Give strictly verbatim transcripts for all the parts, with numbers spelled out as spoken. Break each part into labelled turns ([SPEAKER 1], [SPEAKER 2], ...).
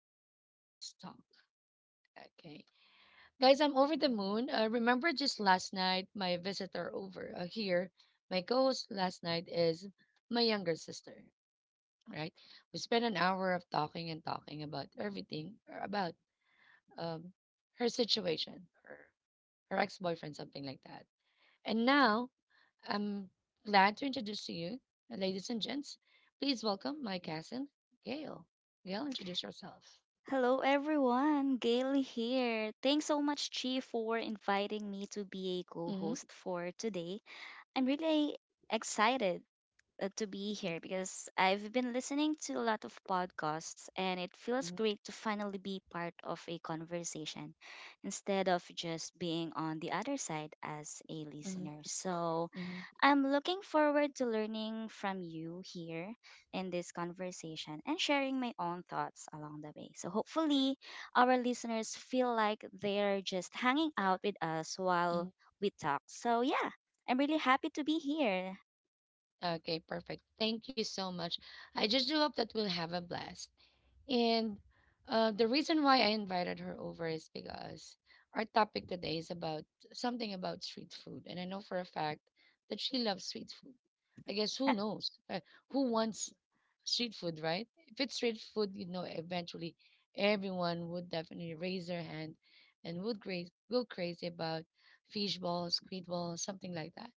[SPEAKER 1] seat and let's talk. Okay. Guys, I'm over the moon. Uh, remember just last night, my visitor over uh, here, my co host last night is my younger sister, right? We spent an hour of talking and talking about everything, or about um, her situation, or her ex boyfriend, something like that. And now I'm glad to introduce to you, uh, ladies and gents, please welcome my cousin, Gail. Gail, introduce yourself.
[SPEAKER 2] Hello everyone, Gail here. Thanks so much, Chi, for inviting me to be a co
[SPEAKER 1] Mm-hmm,
[SPEAKER 2] host for today. I'm really excited uh, to be here because I've been listening to a lot of podcasts and it feels
[SPEAKER 1] mm-hmm,
[SPEAKER 2] great to finally be part of a conversation instead of just being on the other side as a
[SPEAKER 1] mm-hmm, mm-hmm,
[SPEAKER 2] listener. So,
[SPEAKER 1] mm-hmm.
[SPEAKER 2] I'm looking forward to learning from you here in this conversation and sharing my own thoughts along the way. So, hopefully, our listeners feel like they're just hanging out with us while we talk. So, yeah, I'm really happy to be here.
[SPEAKER 1] Okay, perfect. Thank you so much. I just do hope that we'll have a blast. And uh, the reason why I invited her over is because our topic today is about something about street food. And I know for a fact that she loves street food. I guess who knows? Uh, who wants street food, right? If it's street food, you know, eventually everyone would definitely raise their hand and would cra- go crazy about fish balls, squid balls, something like that,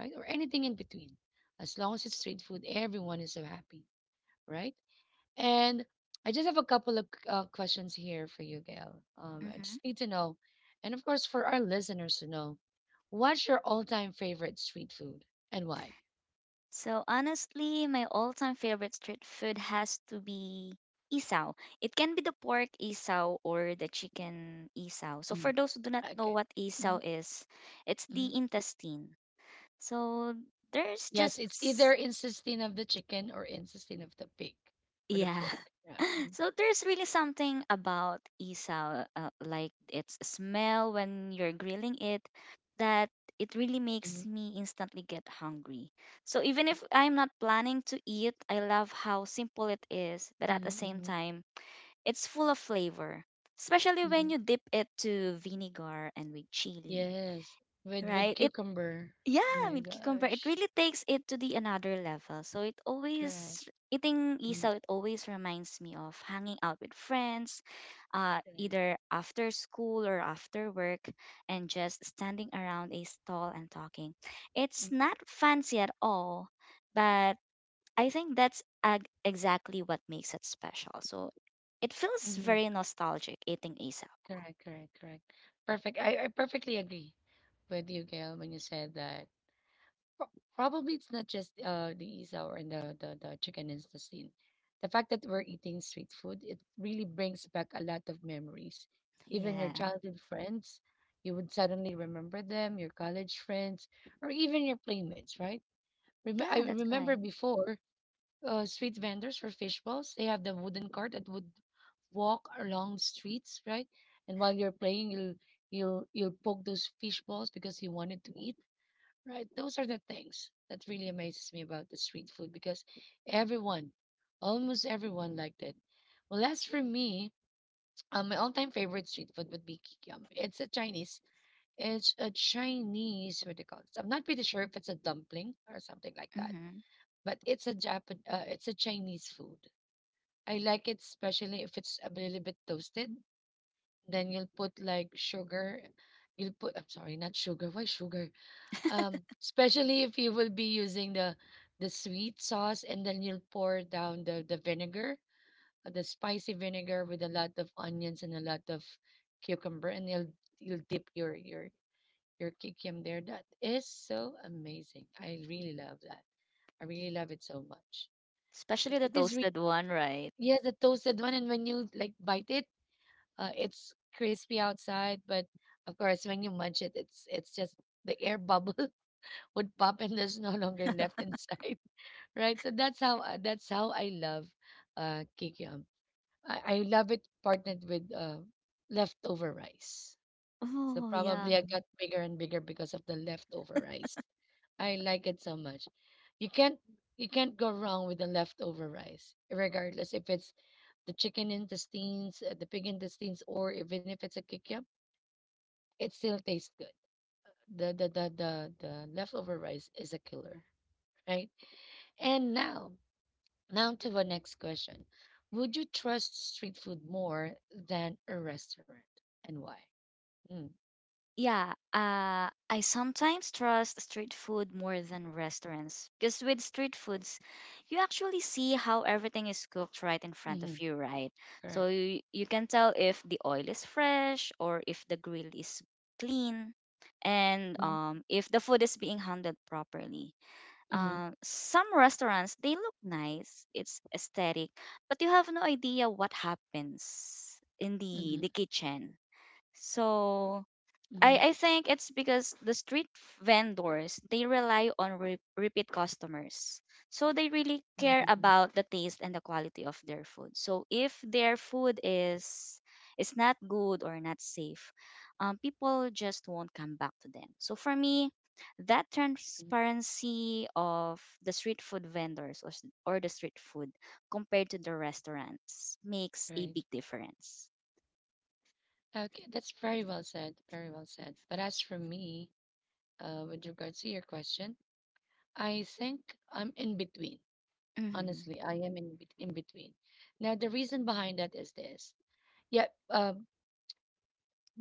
[SPEAKER 1] right? Or anything in between. As long as it's street food, everyone is so happy, right? And I just have a couple of uh, questions here for you, Gail. Um, I
[SPEAKER 2] Mhm.
[SPEAKER 1] just need to know, and of course, for our listeners to know, what's your all time favorite street food and why?
[SPEAKER 2] So honestly, my all-time favorite street food has to be isaw. It can be the pork isaw or the chicken isaw. So for
[SPEAKER 1] Mhm.
[SPEAKER 2] those who do not know
[SPEAKER 1] Okay.
[SPEAKER 2] what isaw
[SPEAKER 1] Mhm,
[SPEAKER 2] is, it's
[SPEAKER 1] mhm.
[SPEAKER 2] the intestine. So there's
[SPEAKER 1] Yes, it's either
[SPEAKER 2] just.
[SPEAKER 1] intestine of the chicken or intestine of the pig or the
[SPEAKER 2] Yeah.
[SPEAKER 1] pork. Yeah.
[SPEAKER 2] So there's really something about isaw, uh, like its smell when you're grilling it, that it really
[SPEAKER 1] Mm-hmm.
[SPEAKER 2] makes me instantly get hungry. So even if I'm not planning to eat, I love how simple it is, but at the same
[SPEAKER 1] Mm-hmm.
[SPEAKER 2] time, it's full of flavor, especially
[SPEAKER 1] Hmm.
[SPEAKER 2] when you dip it to vinegar and with chili,
[SPEAKER 1] Yes, with with
[SPEAKER 2] right? It
[SPEAKER 1] cucumber. Oh
[SPEAKER 2] yeah,
[SPEAKER 1] my
[SPEAKER 2] with cucumber, it
[SPEAKER 1] gosh.
[SPEAKER 2] really takes it to the another level. So it
[SPEAKER 1] Correct.
[SPEAKER 2] always eating
[SPEAKER 1] Mm.
[SPEAKER 2] isaw, it always reminds me of hanging out with friends, uh,
[SPEAKER 1] Correct.
[SPEAKER 2] either after school or after work, and just standing around a stall and talking. It's
[SPEAKER 1] Mm,
[SPEAKER 2] not fancy at all, but I think that's ag- exactly what makes it special. So it feels
[SPEAKER 1] mhm.
[SPEAKER 2] very nostalgic eating isaw.
[SPEAKER 1] Correct, correct, correct. Perfect. I, I perfectly agree with you, Gail, when you said that pro- probably it's not just uh the isaw and the, the, the chicken intestine. The fact that we're eating street food, it really brings back a lot of memories. Even your
[SPEAKER 2] Yeah,
[SPEAKER 1] childhood friends, you would suddenly remember them, your college friends, or even your playmates, right? Rem I
[SPEAKER 2] yeah, that's
[SPEAKER 1] remember
[SPEAKER 2] right.
[SPEAKER 1] before uh, street vendors for fish balls. They have the wooden cart that would walk along the streets, right? And while you're playing, you'll you'll you'll poke those fish balls because you wanted to eat, right? Those are the things that really amazes me about the street food because everyone, almost everyone liked it. Well, as for me, um, my all-time favorite street food would be kikiam. It's a Chinese. It's a Chinese. What do you call it? I'm not pretty sure if it's a dumpling or something like that,
[SPEAKER 2] Mm-hmm.
[SPEAKER 1] but it's a Japan. Uh, it's a Chinese food. I like it especially if it's a little bit toasted. Then you'll put like sugar. You'll put, I'm sorry, not sugar. Why sugar? Um, especially if you will be using the the sweet sauce and then you'll pour down the the vinegar, uh, the spicy vinegar with a lot of onions and a lot of cucumber and you'll you'll dip your your your kikiam there. That is so amazing. I really love that. I really love it so much. So
[SPEAKER 2] Especially the
[SPEAKER 1] it is really,
[SPEAKER 2] toasted one, right?
[SPEAKER 1] yeah, the toasted one and when you like bite it. Uh, it's crispy outside, but of course, when you munch it, it's it's just the air bubble would pop, and there's no longer left inside, right? So that's how I- that's how I love uh, kikiam. I, I love it partnered with uh, leftover rice. So
[SPEAKER 2] Oh, yeah.
[SPEAKER 1] probably I got bigger and bigger because of the leftover rice. I like it so much. You can't you can't go wrong with the leftover rice, regardless if it's the chicken intestines, uh, the pig intestines, or even if it's a kikiam, it still tastes good. The the the the the leftover rice is a killer, right? And now, now to the next question. Would you trust street food more than a restaurant and why? Mm,
[SPEAKER 2] Yeah, uh, I sometimes trust street food more than restaurants because with street foods, you actually see how everything is cooked right in front of
[SPEAKER 1] hmm,
[SPEAKER 2] you, right? So
[SPEAKER 1] correct.
[SPEAKER 2] you, you can tell if the oil is fresh or if the grill is clean and
[SPEAKER 1] Mm-hmm,
[SPEAKER 2] um, if the food is being handled properly.
[SPEAKER 1] hmm,
[SPEAKER 2] Um, some restaurants, they look nice, it's aesthetic, but you have no idea what happens in the,
[SPEAKER 1] hmm,
[SPEAKER 2] the kitchen. So I, I think it's because the street vendors they rely on re- repeat customers, so they really care
[SPEAKER 1] hmm,
[SPEAKER 2] about the taste and the quality of their food. So if their food is is not good or not safe, um, people just won't come back to them. So for me, that
[SPEAKER 1] hmm,
[SPEAKER 2] transparency of the street food vendors, or, s- or the street food compared to the restaurants, makes a
[SPEAKER 1] right.
[SPEAKER 2] big difference.
[SPEAKER 1] Okay, that's very well said. Very well said. But as for me, uh, with regards to your question, I think I'm in between.
[SPEAKER 2] Hmm.
[SPEAKER 1] Honestly, I am in, bet- in between. Now, the reason behind that is this. Yep. Um,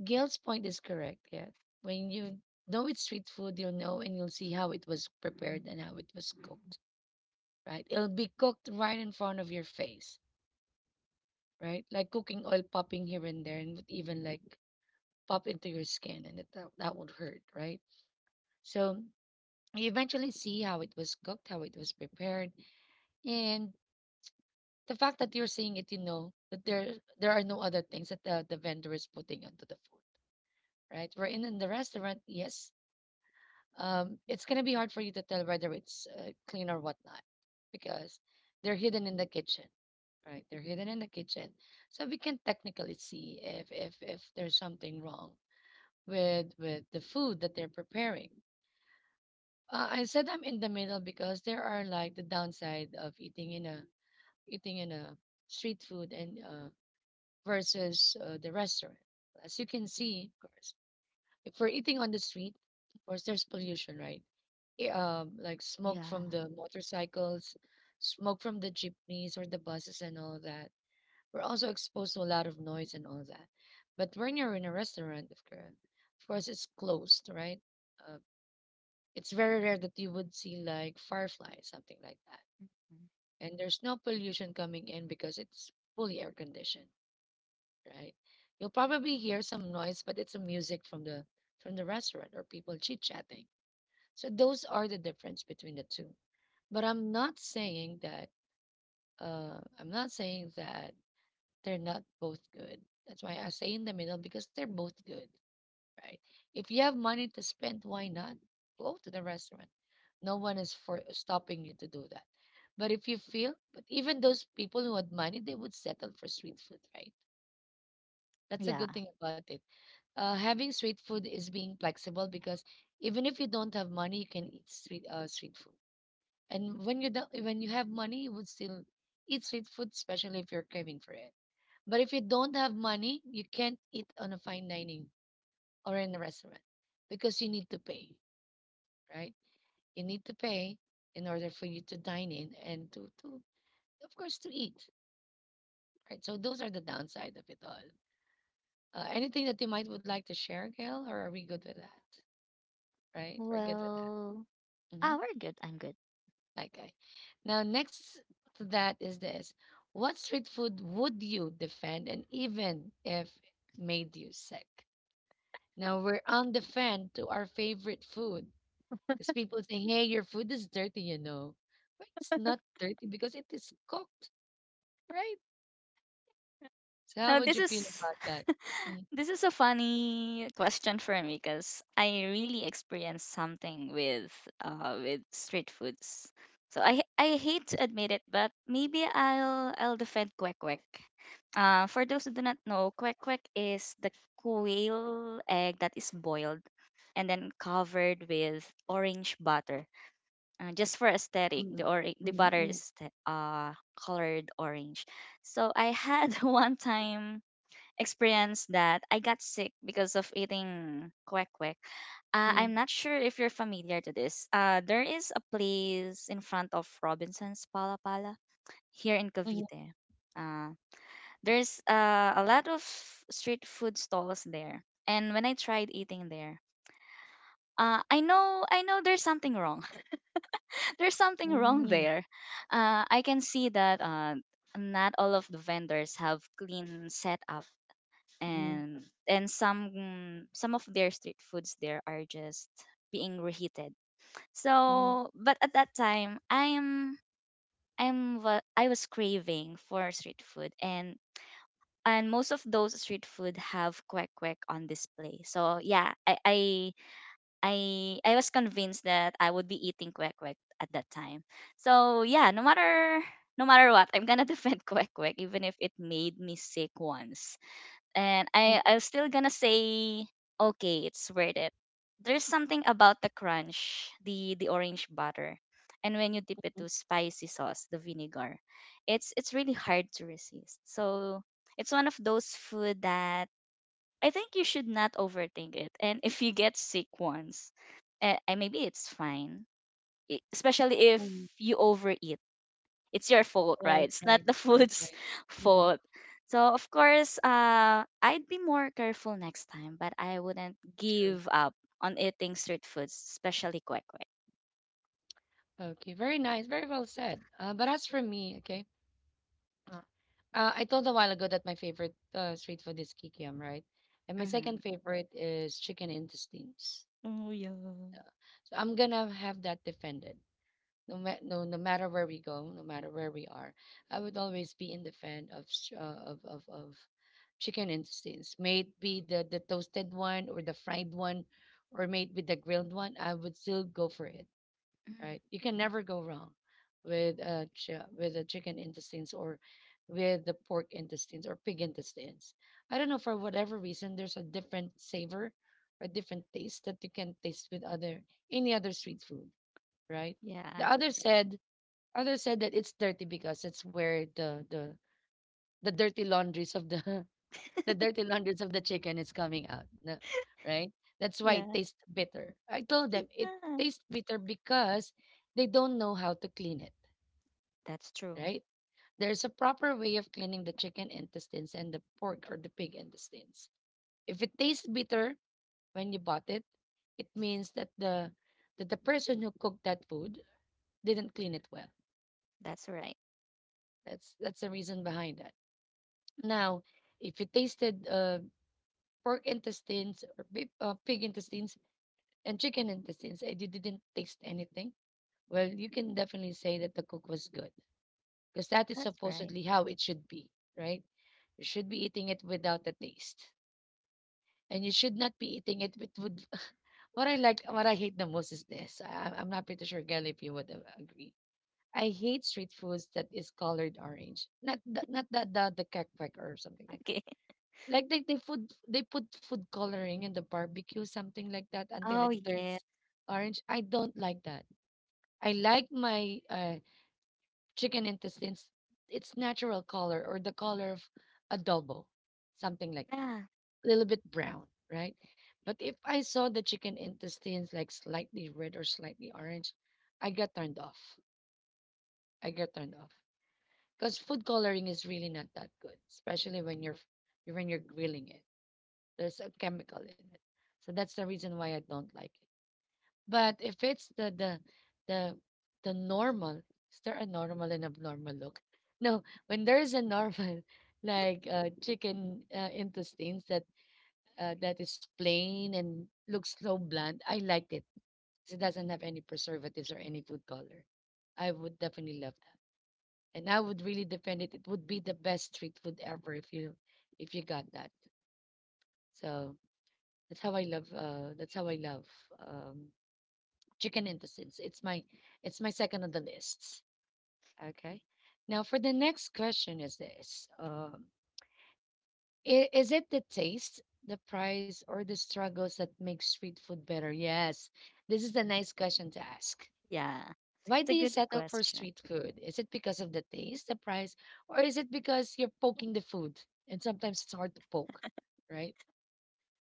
[SPEAKER 1] Gail's point is correct. Yeah. When you know it's street food, you'll know and you'll see how it was prepared and how it was cooked, right? It'll be cooked right in front of your face, right? Like cooking oil popping here and there and would even like pop into your skin and it, that, that would hurt, right? So you eventually see how it was cooked, how it was prepared. And the fact that you're seeing it, you know that there there are no other things that the, the vendor is putting onto the food, right? We're in, in the restaurant, yes, um, it's gonna be hard for you to tell whether it's uh, clean or whatnot because they're hidden in the kitchen, right? They're hidden in the kitchen, so we can technically see if if if there's something wrong with with the food that they're preparing. Uh, I said I'm in the middle because there are like the downside of eating in a eating in a street food and uh, versus uh, the restaurant. As you can see, of course, if we're eating on the street, of course, there's pollution, right? i- um, like smoke from
[SPEAKER 2] Yeah.
[SPEAKER 1] the motorcycles, smoke from the jeepneys or the buses and all that. We're also exposed to a lot of noise and all that. But when you're in a restaurant, of course, of course it's closed, right? Uh, it's very rare that you would see like fireflies, something like that.
[SPEAKER 2] Mhm.
[SPEAKER 1] And there's no pollution coming in because it's fully air conditioned, right? You'll probably hear some noise, but it's a music from the from the restaurant or people chit chatting. So those are the difference between the two. But I'm not saying that uh I'm not saying that they're not both good. That's why I say in the middle because they're both good, right? If you have money to spend, why not go to the restaurant? No one is for stopping you to do that. But if you feel, but even those people who had money, they would settle for sweet food, right? That's a
[SPEAKER 2] Yeah.
[SPEAKER 1] good thing about it. Uh, having sweet food is being flexible because even if you don't have money, you can eat street uh, street food. And when you don't, when you have money, you would still eat street food, especially if you're craving for it. But if you don't have money, you can't eat on a fine dining or in a restaurant because you need to pay, right? You need to pay in order for you to dine in and to to of course to eat, right? So those are the downside of it all. Uh, anything that you might would like to share, Gail, or are we good with that? Right, we're good with
[SPEAKER 2] Well,
[SPEAKER 1] that. Mm-hmm.
[SPEAKER 2] ah, we're good. I'm good.
[SPEAKER 1] Okay. Now, next to that is this. What street food would you defend and even if made you sick? Now, we're on the fan to our favorite food because people say, hey, your food is dirty, you know. But it's not dirty because it is cooked, right? So, how
[SPEAKER 2] Uh,
[SPEAKER 1] would
[SPEAKER 2] this
[SPEAKER 1] you feel
[SPEAKER 2] is
[SPEAKER 1] about that? Mm,
[SPEAKER 2] this is a funny question for me because I really experienced something with uh with street foods. So I I hate to admit it, but maybe I'll I'll defend kwek kwek. Uh, for those who do not know, kwek kwek is the quail egg that is boiled and then covered with orange butter. Uh, just for aesthetic, the,
[SPEAKER 1] mm,
[SPEAKER 2] or the
[SPEAKER 1] mm,
[SPEAKER 2] butter
[SPEAKER 1] mm,
[SPEAKER 2] is th- uh colored orange. So I had one time experience that I got sick because of eating kwek kwek. uh, I'm not sure if you're familiar to this. Uh there is a place in front of Robinson's Pala Pala here in
[SPEAKER 1] mm, mm,
[SPEAKER 2] Cavite. Uh, there's uh, a lot of street food stalls there, and when I tried eating there, uh, I know, i know there's something wrong. There's something wrong
[SPEAKER 1] mm,
[SPEAKER 2] there. Uh, I can see that uh, not all of the vendors have clean setup,
[SPEAKER 1] mm,
[SPEAKER 2] and and some some of their street foods there are just being reheated.
[SPEAKER 1] mm, mm,
[SPEAKER 2] So, but at that time, I'm I'm wa- I was craving for street food, and and most of those street food have kwek kwek on display. So yeah, I I I I was convinced that I would be eating kwek kwek at that time. So yeah, no matter no matter what, I'm gonna defend kwek kwek even if it made me sick once. And I I'm still gonna say okay, it's worth it. There's something about the crunch, the the orange butter, and when you dip it
[SPEAKER 1] mm,
[SPEAKER 2] to spicy sauce, the vinegar, it's it's really hard to resist. So it's one of those food that I think you should not overthink it. And if you get sick once, uh, uh, maybe it's fine. E- Especially if
[SPEAKER 1] mm.
[SPEAKER 2] you overeat, it's your fault,
[SPEAKER 1] Right,
[SPEAKER 2] right? It's not
[SPEAKER 1] right,
[SPEAKER 2] the
[SPEAKER 1] right,
[SPEAKER 2] food's
[SPEAKER 1] right. Mm.
[SPEAKER 2] fault. So of course, uh, I'd be more careful next time, but I wouldn't
[SPEAKER 1] True.
[SPEAKER 2] give up on eating street foods, especially kwek kwek.
[SPEAKER 1] Okay, very nice, very well said. Uh, but as for me, okay, uh, uh, I told a while ago that my favorite uh, street food is kikiam, right? And my second
[SPEAKER 2] Mm-hmm.
[SPEAKER 1] favorite is chicken intestines.
[SPEAKER 2] Oh yeah.
[SPEAKER 1] So I'm gonna have that defended. No, ma- no, no matter where we go, no matter where we are, I would always be in defend of sh- uh, of of of chicken intestines. May it be the the toasted one or the fried one, or may it be the grilled one. I would still go for it,
[SPEAKER 2] Mm.
[SPEAKER 1] right? You can never go wrong with a chi- with a chicken intestines or with the pork intestines or pig intestines. I don't know for whatever reason there's a different savor or different taste that you can taste with other any other street food, right? The
[SPEAKER 2] Yeah.
[SPEAKER 1] other
[SPEAKER 2] Right.
[SPEAKER 1] said other said that it's dirty because it's where the the the dirty laundries of the the dirty hundreds of the chicken is coming out. No, right? That's why it
[SPEAKER 2] Yeah.
[SPEAKER 1] tastes bitter. I told them it
[SPEAKER 2] Yeah.
[SPEAKER 1] tastes bitter because they don't know how to clean it,
[SPEAKER 2] That's true.
[SPEAKER 1] right? There's a proper way of cleaning the chicken intestines and the pork or the pig intestines. If it tastes bitter when you bought it, it means that the that the person who cooked that food didn't clean it well.
[SPEAKER 2] That's right.
[SPEAKER 1] That's that's the reason behind that. Now, if you tasted uh, pork intestines or pig, uh, pig intestines, and chicken intestines, I did- didn't taste anything. Well, you can definitely say that the cook was good because that is
[SPEAKER 2] That's right.
[SPEAKER 1] supposedly how it should be, right? You should be eating it without a taste. And you should not be eating it with, with What I like, what I hate the most is this. I, I'm not pretty sure, Gail, if you would a- agree. I hate street foods that is colored orange. Not the, not the the, the crack or something like
[SPEAKER 2] Okay.
[SPEAKER 1] that. Like they, they food they put food coloring in the barbecue, something like that, until
[SPEAKER 2] Oh
[SPEAKER 1] it
[SPEAKER 2] yeah.
[SPEAKER 1] turns orange. I don't like that. I like my uh, chicken intestines its natural color or the color of adobo, something like that,
[SPEAKER 2] Yeah.
[SPEAKER 1] a little bit brown, right? But if I saw the chicken intestines like slightly red or slightly orange, I get turned off. I get turned off because food coloring is really not that good, especially when you're f- when you're grilling it. There's a chemical in it, so that's the reason why I don't like it. But if it's the the the the normal, is there a normal and abnormal look? No, when there is a normal, like uh, chicken uh, intestines that uh, that is plain and looks so bland, I like it. 'Cause it doesn't have any preservatives or any food color. I would definitely love that, and I would really defend it. It would be the best street food ever if you if you got that. So that's how I love. Uh, that's how I love um, chicken intestines. It's my it's my second on the list. Okay. Now for the next question is this: um, i- Is it the taste, the price, or the struggles that make street food better? Yes, this is a nice question to ask.
[SPEAKER 2] Yeah,
[SPEAKER 1] Why
[SPEAKER 2] it's a
[SPEAKER 1] do you
[SPEAKER 2] good
[SPEAKER 1] settle for
[SPEAKER 2] question.
[SPEAKER 1] street food? Is it because of the taste, the price, or is it because you're poking the food and sometimes it's hard to poke, right?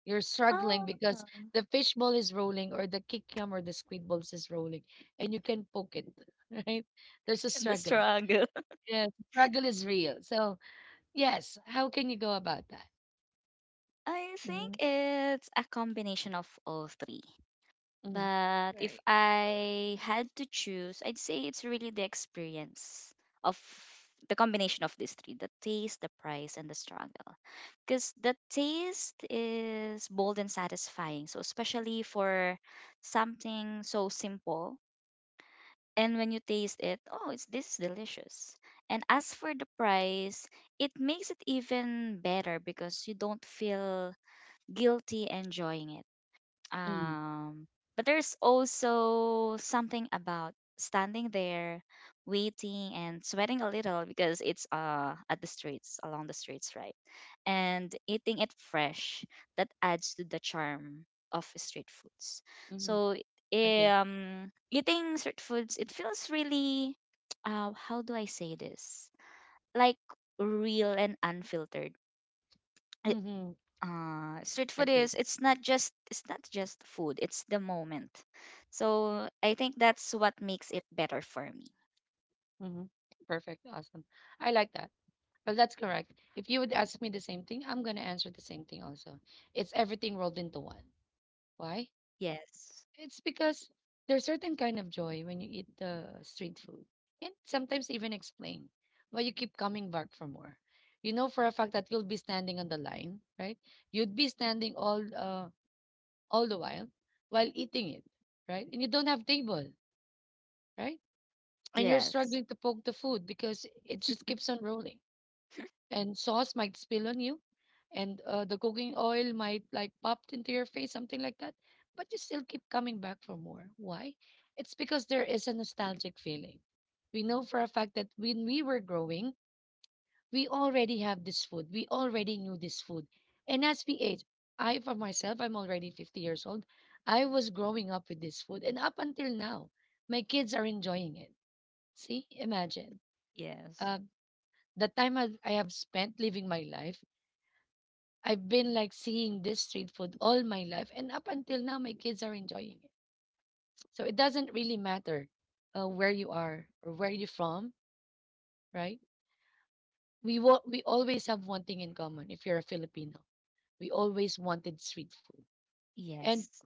[SPEAKER 1] You're struggling because
[SPEAKER 2] Oh,
[SPEAKER 1] the fish ball is rolling or the kikiam or the squid balls is rolling and you can poke it, right? There's a
[SPEAKER 2] the
[SPEAKER 1] struggle.
[SPEAKER 2] struggle.
[SPEAKER 1] Yes, struggle is real. So, yes, how can you go about that?
[SPEAKER 2] I
[SPEAKER 1] hmm
[SPEAKER 2] think it's a combination of all three.
[SPEAKER 1] hmm
[SPEAKER 2] But if
[SPEAKER 1] Right.
[SPEAKER 2] I had to choose, I'd say it's really the experience of the combination of these three: the taste, the price, and the struggle. Because the taste is bold and satisfying. So, especially for something so simple, and when you taste it, oh, it's, this is delicious. And as for the price, it makes it even better because you don't feel guilty enjoying it.
[SPEAKER 1] Mm-hmm.
[SPEAKER 2] Um, but there's also something about standing there, waiting and sweating a little because it's uh at the streets, along the streets, right? And eating it fresh, that adds to the charm of street foods.
[SPEAKER 1] Mm-hmm.
[SPEAKER 2] So
[SPEAKER 1] Agree.
[SPEAKER 2] um eating street foods, it feels really, uh how do I say this? Like real and unfiltered.
[SPEAKER 1] Mm-hmm.
[SPEAKER 2] Uh street food
[SPEAKER 1] Agree.
[SPEAKER 2] is, it's not just, it's not just food, it's the moment. So I think that's what makes it better for me.
[SPEAKER 1] Mm-hmm. Perfect. Awesome. I like that. Well, that's correct. If you would ask me the same thing, I'm going to answer the same thing also. It's everything rolled into one. Why?
[SPEAKER 2] Yes.
[SPEAKER 1] It's because there's certain kind of joy when you eat the street food. And sometimes even explain why you keep coming back for more. You know for a fact that you'll be standing on the line, right? You'd be standing all uh, all the while while eating it, right? And you don't have table, right? And you're
[SPEAKER 2] Yes.
[SPEAKER 1] struggling to poke the food because it just keeps on rolling and sauce might spill on you and uh, the cooking oil might like pop into your face something like that, but you still keep coming back for more. Why? It's because there is a nostalgic feeling. We know for a fact that when we were growing, we already have this food, we already knew this food. And as we age, i for myself, I'm already fifty years old. I was growing up with this food, and up until now my kids are enjoying it. See, imagine
[SPEAKER 2] Yes.
[SPEAKER 1] uh, the time i i have spent living my life. I've been like seeing this street food all my life, and up until now, my kids are enjoying it. So it doesn't really matter uh, where you are or where you're from, right? We wa- we always have one thing in common. If you're a Filipino, we always wanted street food. And
[SPEAKER 2] Yes.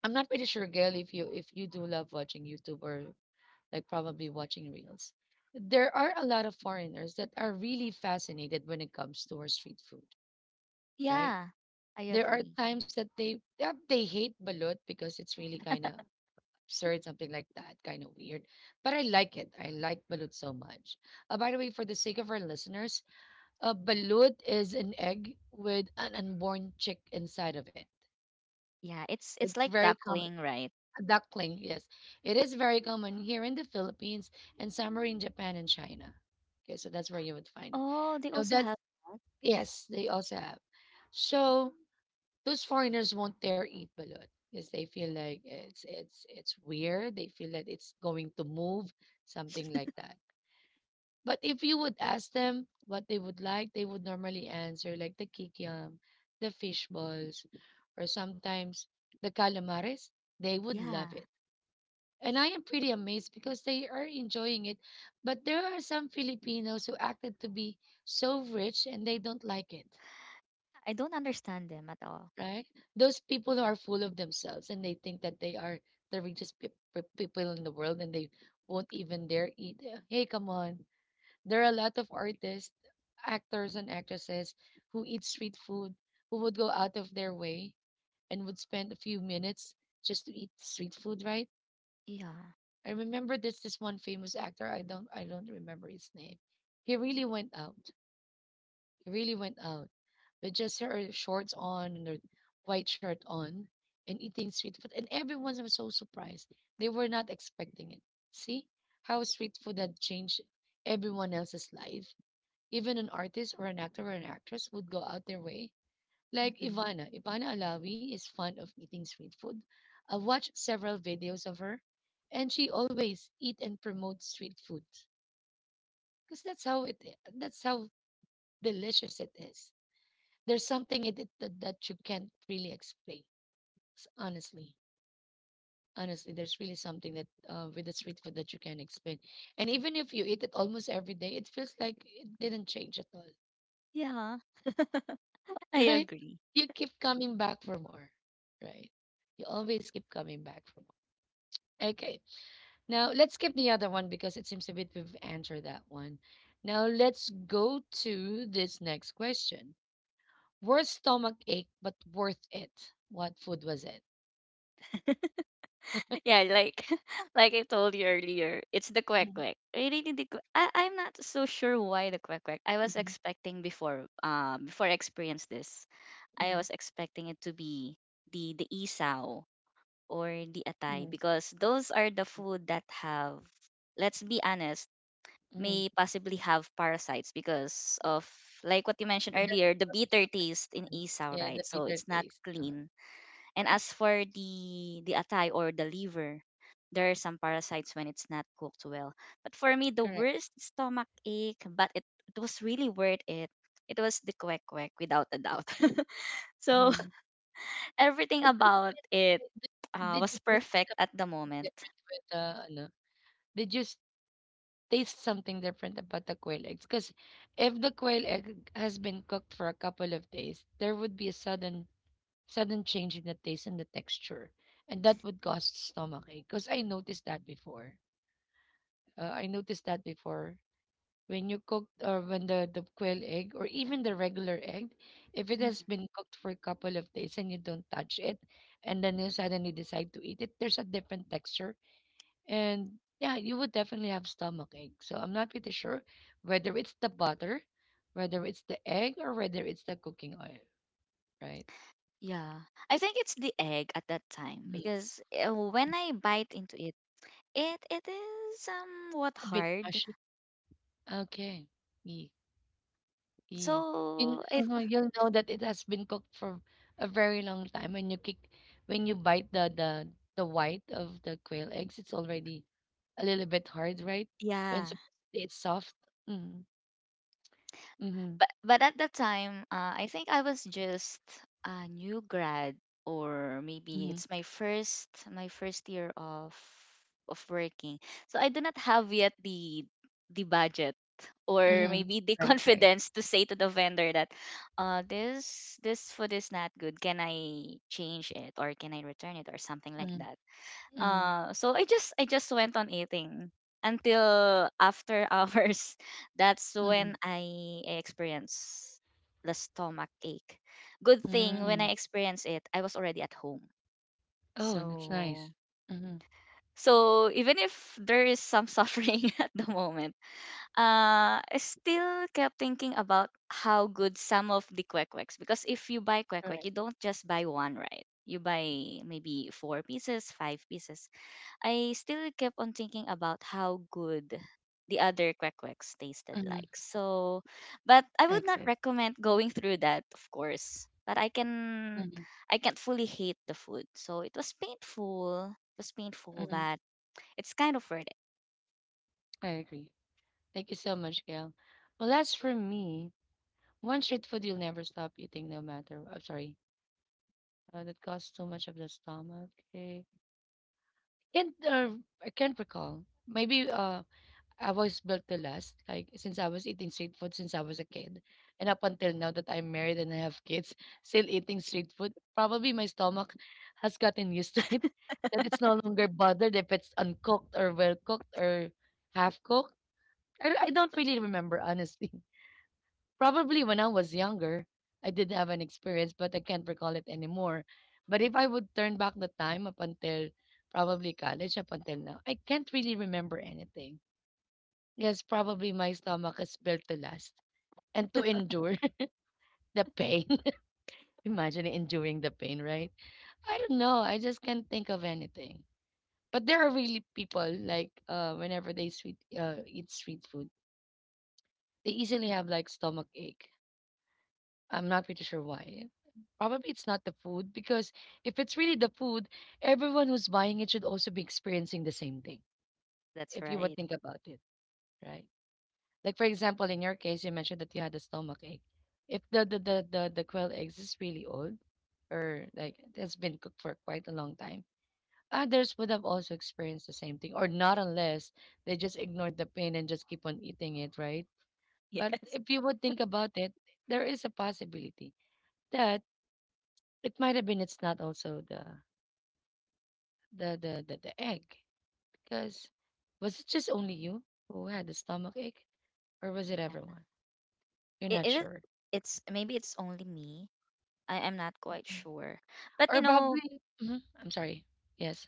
[SPEAKER 1] I'm not pretty sure, Gail, if you if you do love watching YouTube or like probably watching reels. There are a lot of foreigners that are really fascinated when it comes to our street food, right?
[SPEAKER 2] Yeah, I
[SPEAKER 1] There are
[SPEAKER 2] agree.
[SPEAKER 1] times that they that they hate balut because it's really kind of absurd, something like that, kind of weird. But I like it. I like balut so much. Uh, by the way, for the sake of our listeners, uh, balut is an egg with an unborn chick inside of it.
[SPEAKER 2] Yeah, it's it's
[SPEAKER 1] It's
[SPEAKER 2] like
[SPEAKER 1] very common.
[SPEAKER 2] duckling, right?
[SPEAKER 1] A duckling, yes. It is very common here in the Philippines and somewhere in Japan and China. Okay, so that's where you would find it.
[SPEAKER 2] Oh, they
[SPEAKER 1] Now
[SPEAKER 2] also
[SPEAKER 1] that's
[SPEAKER 2] have that?
[SPEAKER 1] yes, they also have. So those foreigners won't dare eat balut because they feel like it's it's it's weird. They feel that it's going to move, something like that. But if you would ask them what they would like, they would normally answer like the kikiam, the fish balls, or sometimes the calamares. They would
[SPEAKER 2] Yeah.
[SPEAKER 1] love it. And I am pretty amazed because they are enjoying it. But there are some Filipinos who acted to be so rich and they don't like it.
[SPEAKER 2] I don't understand them at all.
[SPEAKER 1] Right? Those people who are full of themselves and they think that they are the richest peop peop- people in the world and they won't even dare eat. Yeah, hey, come on. There are a lot of artists, actors, and actresses who eat street food, who would go out of their way and would spend a few minutes just to eat street food, right?
[SPEAKER 2] Yeah.
[SPEAKER 1] I remember there's this one famous actor. I don't I don't remember his name. He really went out really went out with just her shorts on and her white shirt on and eating street food. And everyone was so surprised. They were not expecting it. See how street food had changed everyone else's life. Even an artist or an actor or an actress would go out their way. Like
[SPEAKER 2] Hmm.
[SPEAKER 1] Ivana. Ivana Alawi is fond of eating street food. I've watched several videos of her, and she always eat and promote street food because that's how it i- that's how delicious it is. There's something in it that, that you can't really explain. S- honestly, honestly, there's really something that uh, with the street food that you can't explain. And even if you eat it almost every day, it feels like it didn't change at all.
[SPEAKER 2] Yeah. I
[SPEAKER 1] Right,
[SPEAKER 2] agree.
[SPEAKER 1] you keep coming back for more, right? You always keep coming back for more. Okay, now let's skip the other one because it seems a bit we've answered that one. Now let's go to this next question: worst stomach ache but worth it, what food was it?
[SPEAKER 2] Yeah, like like I told you earlier, it's the quack
[SPEAKER 1] Mhm,
[SPEAKER 2] quack. Really, the qu- I I'm not so sure why the quack quack. I was
[SPEAKER 1] mhm.
[SPEAKER 2] expecting before, uh before I experienced this, I
[SPEAKER 1] Mhm,
[SPEAKER 2] was expecting it to be the the isaw or the atay
[SPEAKER 1] mhm,
[SPEAKER 2] because those are the food that have, let's be honest,
[SPEAKER 1] mhm.
[SPEAKER 2] may possibly have parasites because of like what you mentioned
[SPEAKER 1] So that's
[SPEAKER 2] earlier, the
[SPEAKER 1] probably
[SPEAKER 2] bitter taste in
[SPEAKER 1] sometimes
[SPEAKER 2] isaw,
[SPEAKER 1] you yeah,
[SPEAKER 2] right?
[SPEAKER 1] the
[SPEAKER 2] So
[SPEAKER 1] bitter
[SPEAKER 2] it's not
[SPEAKER 1] taste. Um,
[SPEAKER 2] clean. And as for the the atay or the liver, there are some parasites when it's not cooked well. But for me, the
[SPEAKER 1] correct.
[SPEAKER 2] worst stomach ache, but it, it was really worth it. It was the kwek kwek without a doubt. So
[SPEAKER 1] Mhm.
[SPEAKER 2] everything
[SPEAKER 1] It could have
[SPEAKER 2] about it,
[SPEAKER 1] been-
[SPEAKER 2] uh,
[SPEAKER 1] Did
[SPEAKER 2] was
[SPEAKER 1] did you taste something
[SPEAKER 2] perfect at the moment.
[SPEAKER 1] different with the ano? Did you s- Taste something different about the quail eggs? Because if the quail egg has been cooked for a couple of days, there would be a sudden sudden change in the taste and the texture, and that would cause stomachache. Because I noticed that before. Uh, I noticed that before when you cook or when the, the quail egg or even the regular egg, if it has
[SPEAKER 2] Mhm.
[SPEAKER 1] been cooked for a couple of days and you don't touch it, and then you suddenly decide to eat it, there's a different texture. And yeah, you would definitely have stomach ache. So I'm not pretty sure whether it's the butter, whether it's the egg, or whether it's the cooking oil, right?
[SPEAKER 2] Yeah, I think it's the egg at that time
[SPEAKER 1] Mhm.
[SPEAKER 2] because uh, when I bite into it, it it is somewhat
[SPEAKER 1] A bit
[SPEAKER 2] hard.
[SPEAKER 1] mushy. Okay. Yeah. Eh, you'll
[SPEAKER 2] So it
[SPEAKER 1] uh you'll know that it has been cooked for a very long time when you kick when you bite the the the white of the quail eggs, it's already a little bit hard, right? When
[SPEAKER 2] Yeah,
[SPEAKER 1] supposedly it's soft. Mm, mm-hmm,
[SPEAKER 2] but but at that time, uh, I think I was just a new grad, or maybe
[SPEAKER 1] mm-hmm,
[SPEAKER 2] it's my first my first year of of working. So I do not have yet the the budget, or
[SPEAKER 1] mm-hmm.
[SPEAKER 2] maybe the
[SPEAKER 1] Right, right.
[SPEAKER 2] confidence to say to the vendor that, uh this, this food is not good, can I change it or can I return it or something like
[SPEAKER 1] Mm,
[SPEAKER 2] that.
[SPEAKER 1] mm-hmm,
[SPEAKER 2] Uh, so I just I just went on eating until after hours. That's
[SPEAKER 1] mm-hmm,
[SPEAKER 2] when I experienced the stomach ache. Good thing when
[SPEAKER 1] mm.
[SPEAKER 2] I experienced it, I was already at home.
[SPEAKER 1] Oh, that's
[SPEAKER 2] So,
[SPEAKER 1] nice. Mm-hmm.
[SPEAKER 2] so even if there is some suffering at the moment, uh, I still kept thinking about how good some of the kwek-kweks, because if you buy kwek-kwek, you
[SPEAKER 1] Correct.
[SPEAKER 2] don't just buy one, right? You buy maybe four pieces, five pieces. I still kept on thinking about how good the other quackwecks tasted
[SPEAKER 1] Mm-hmm.
[SPEAKER 2] like. So, but
[SPEAKER 1] I
[SPEAKER 2] I would
[SPEAKER 1] agree.
[SPEAKER 2] not recommend going through that, of course. But I can,
[SPEAKER 1] Mm-hmm,
[SPEAKER 2] I can't fully hate the food. So it was painful. It was painful,
[SPEAKER 1] mm-hmm.
[SPEAKER 2] but it's kind of worth it.
[SPEAKER 1] I agree. Thank you so much, Gail. Well, as for me, one street food you'll never stop eating, no matter. Oh, sorry. Uh, that caused too much of the stomach ache. Can't uh, I can't recall. Maybe uh I was built to last, like since I was eating street food since I was a kid, and up until now that I'm married and I have kids, still eating street food. Probably my stomach has gotten used to it, that it's no longer bothered if it's uncooked or well cooked or half cooked. I, I don't really remember honestly. Probably when I was younger, I did have an experience, but I can't recall it anymore. But if I would turn back the time up until probably college, up until now, I can't really remember anything. Yes, probably my stomach is built to last and to endure the pain. Imagine enduring the pain, right? I don't know. I just can't think of anything. But there are really people like uh, whenever they sweet uh, eat sweet food, they easily have like stomach ache. I'm not pretty sure why. Probably it's not the food because if it's really the food, everyone who's buying it should also be experiencing the same thing.
[SPEAKER 2] That's
[SPEAKER 1] If you would
[SPEAKER 2] right.
[SPEAKER 1] think about it, right? Like for example, in your case, you mentioned that you had a stomach ache. If the the the the, the quail eggs is really old, or like it has been cooked for quite a long time, others would have also experienced the same thing, or not unless they just ignored the pain and just keep on eating it, right? But
[SPEAKER 2] Yes.
[SPEAKER 1] if you would think about it, there is a possibility that it might have been it's not also the the the the, the egg because was it just only you who had the stomach ache or was it
[SPEAKER 2] Yeah.
[SPEAKER 1] everyone? You're
[SPEAKER 2] It,
[SPEAKER 1] not
[SPEAKER 2] it is,
[SPEAKER 1] sure.
[SPEAKER 2] it's maybe it's only me. I am not quite
[SPEAKER 1] Mm.
[SPEAKER 2] sure. But you
[SPEAKER 1] Or
[SPEAKER 2] know,
[SPEAKER 1] probably, mhm, I'm sorry. Yes.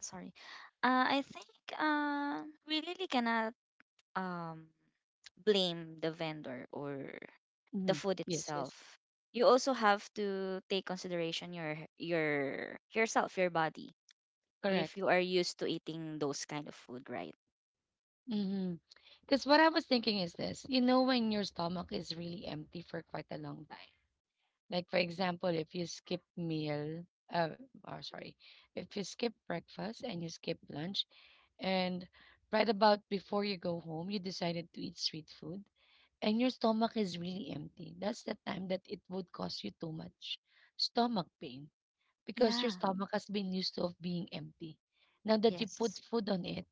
[SPEAKER 2] sorry. Uh, I think, uh, we really cannot, um, blame the vendor or the
[SPEAKER 1] Hmm.
[SPEAKER 2] food
[SPEAKER 1] Yes, yes.
[SPEAKER 2] itself. You also have to take consideration your your yourself, your body,
[SPEAKER 1] Correct.
[SPEAKER 2] if you are used to eating those kind of food, right?
[SPEAKER 1] Because what I was thinking is this, you know, when your stomach is really empty for quite a long time, like for example, if you skip meal, uh, or sorry, if you skip breakfast and you skip lunch, and right about before you go home, you decided to eat street food and your stomach is really empty. That's the time that it would cause you too much stomach pain because your
[SPEAKER 2] Yeah.
[SPEAKER 1] stomach has been used to of being empty. Now that you put
[SPEAKER 2] Yes.
[SPEAKER 1] food on it,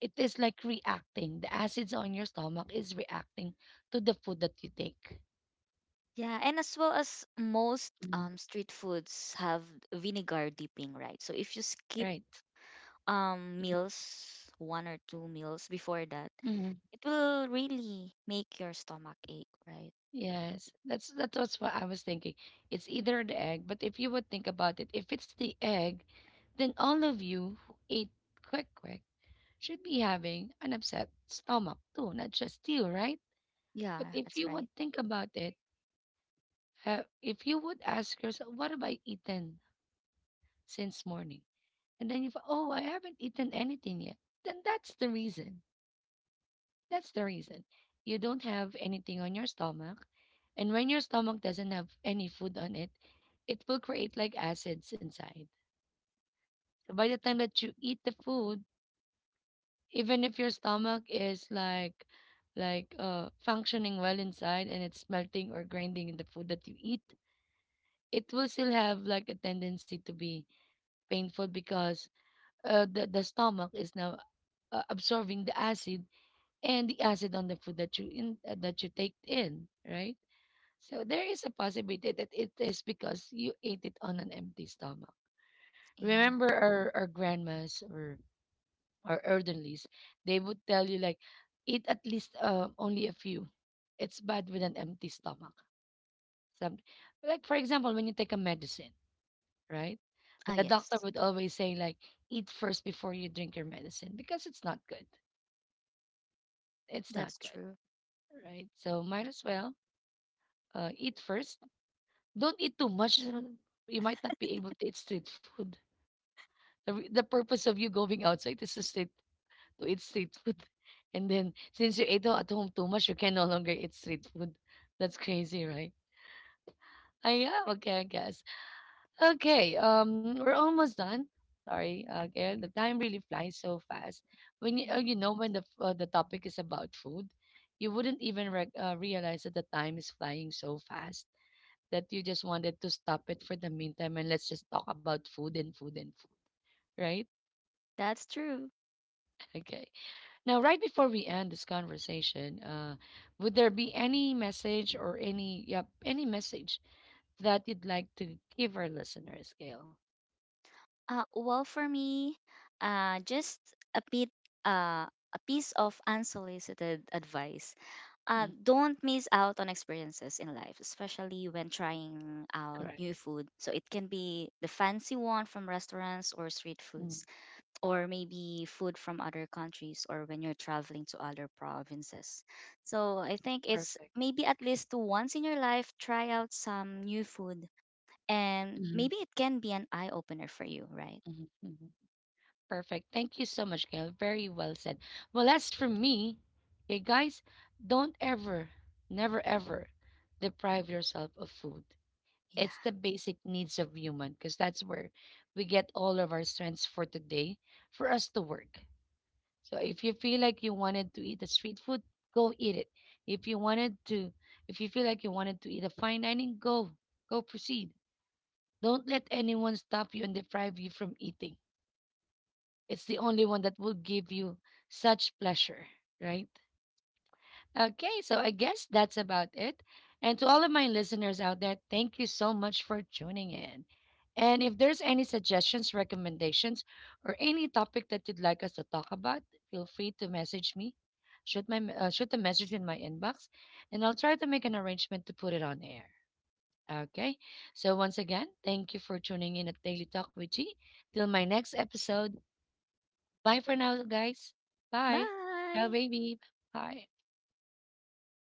[SPEAKER 1] it is like reacting. The acids on your stomach is reacting to the food that you take.
[SPEAKER 2] Yeah, and as well as most,
[SPEAKER 1] Mhm.
[SPEAKER 2] um, street foods have vinegar dipping, right? So if you skip
[SPEAKER 1] Right.
[SPEAKER 2] um, meals, one or two meals before that, it will really make your stomach ache, right?
[SPEAKER 1] Yes, that's that was what I was thinking. It's either the egg, but if you would think about it, if it's the egg, then all of you who ate quick quick should be having an upset stomach too, not just you, right?
[SPEAKER 2] Yeah,
[SPEAKER 1] But if
[SPEAKER 2] that's
[SPEAKER 1] you
[SPEAKER 2] right.
[SPEAKER 1] would think about it, uh, if you would ask yourself, what have I eaten since morning? And then you, f- oh, I haven't eaten anything yet. Then that's the reason That's the reason. You don't have anything on your stomach. And when your stomach doesn't have any food on it, it will create like acids inside. So by the time that you eat the food, even if your stomach is like like uh functioning well inside and it's melting or grinding in the food that you eat, it will still have like a tendency to be painful because uh, the the stomach is now uh, absorbing the acid and the acid on the food that you in uh, that you take in, right? So there is a possibility that it is because you ate it on an empty stomach.
[SPEAKER 2] Yeah.
[SPEAKER 1] Remember our, our grandmas or our elderlies, they would tell you like, eat at least uh, only a few. It's bad with an empty stomach. Some, like for example, when you take a medicine, right?
[SPEAKER 2] Ah,
[SPEAKER 1] The doctor
[SPEAKER 2] yes.
[SPEAKER 1] would always say like, eat first before you drink your medicine because it's not good. It's not
[SPEAKER 2] That's
[SPEAKER 1] good,
[SPEAKER 2] true.
[SPEAKER 1] right? So might as well uh, eat first. Don't eat too much. You might not be able to eat street food. The, re- the purpose of you going outside is to stay to eat street food, and then since you ate at home too much, you can no longer eat street food. That's crazy, right? I Yeah, okay, I guess. Okay, um, we're almost done. Sorry, again, the time really flies so fast. When you, uh,
[SPEAKER 2] Yeah,
[SPEAKER 1] you know when the f- uh, the topic is about food, you wouldn't even rec uh, realize that the time is flying so fast that you just wanted to stop it for the meantime and let's just talk about food and food and food, right?
[SPEAKER 2] that's true.
[SPEAKER 1] Okay. Now, right before we end this conversation, uh, would there be any message or any yep any message that you'd like to give our listeners, Gail?
[SPEAKER 2] Uh, well, for me, uh, just a bit, uh, a piece of unsolicited advice. Uh,
[SPEAKER 1] Mm,
[SPEAKER 2] don't miss out on experiences in life, especially when trying out
[SPEAKER 1] correct.
[SPEAKER 2] new food. So it can be the fancy one from restaurants or street
[SPEAKER 1] Mm,
[SPEAKER 2] foods, or maybe food from other countries, or when you're traveling to other provinces. So I think it's
[SPEAKER 1] perfect.
[SPEAKER 2] maybe at least once in your life, try out some new food and
[SPEAKER 1] Hmm.
[SPEAKER 2] maybe it can be an eye opener for you, right?
[SPEAKER 1] Hmm. Hmm. Perfect. Thank you so much, Gail. Very well said. Well, as for me, hey guys, don't ever, never, ever deprive yourself of food.
[SPEAKER 2] Yeah.
[SPEAKER 1] It's the basic needs of human because that's where we get all of our strengths for today for us to work. So if you feel like you wanted to eat the street food, go eat it. If you wanted to, if you feel like you wanted to eat a fine dining, go, go proceed. Don't let anyone stop you and deprive you from eating. It's the only one that will give you such pleasure, right? Okay, so I guess that's about it. And to all of my listeners out there, thank you so much for tuning in. And if there's any suggestions, recommendations, or any topic that you'd like us to talk about, feel free to message me. Shoot my uh, shoot a message in my inbox, and I'll try to make an arrangement to put it on air. Okay. So once again, thank you for tuning in at Daily Talk with G. Till my next episode. Bye for now, guys. Bye. Ciao,
[SPEAKER 2] Bye.
[SPEAKER 1] baby. Bye.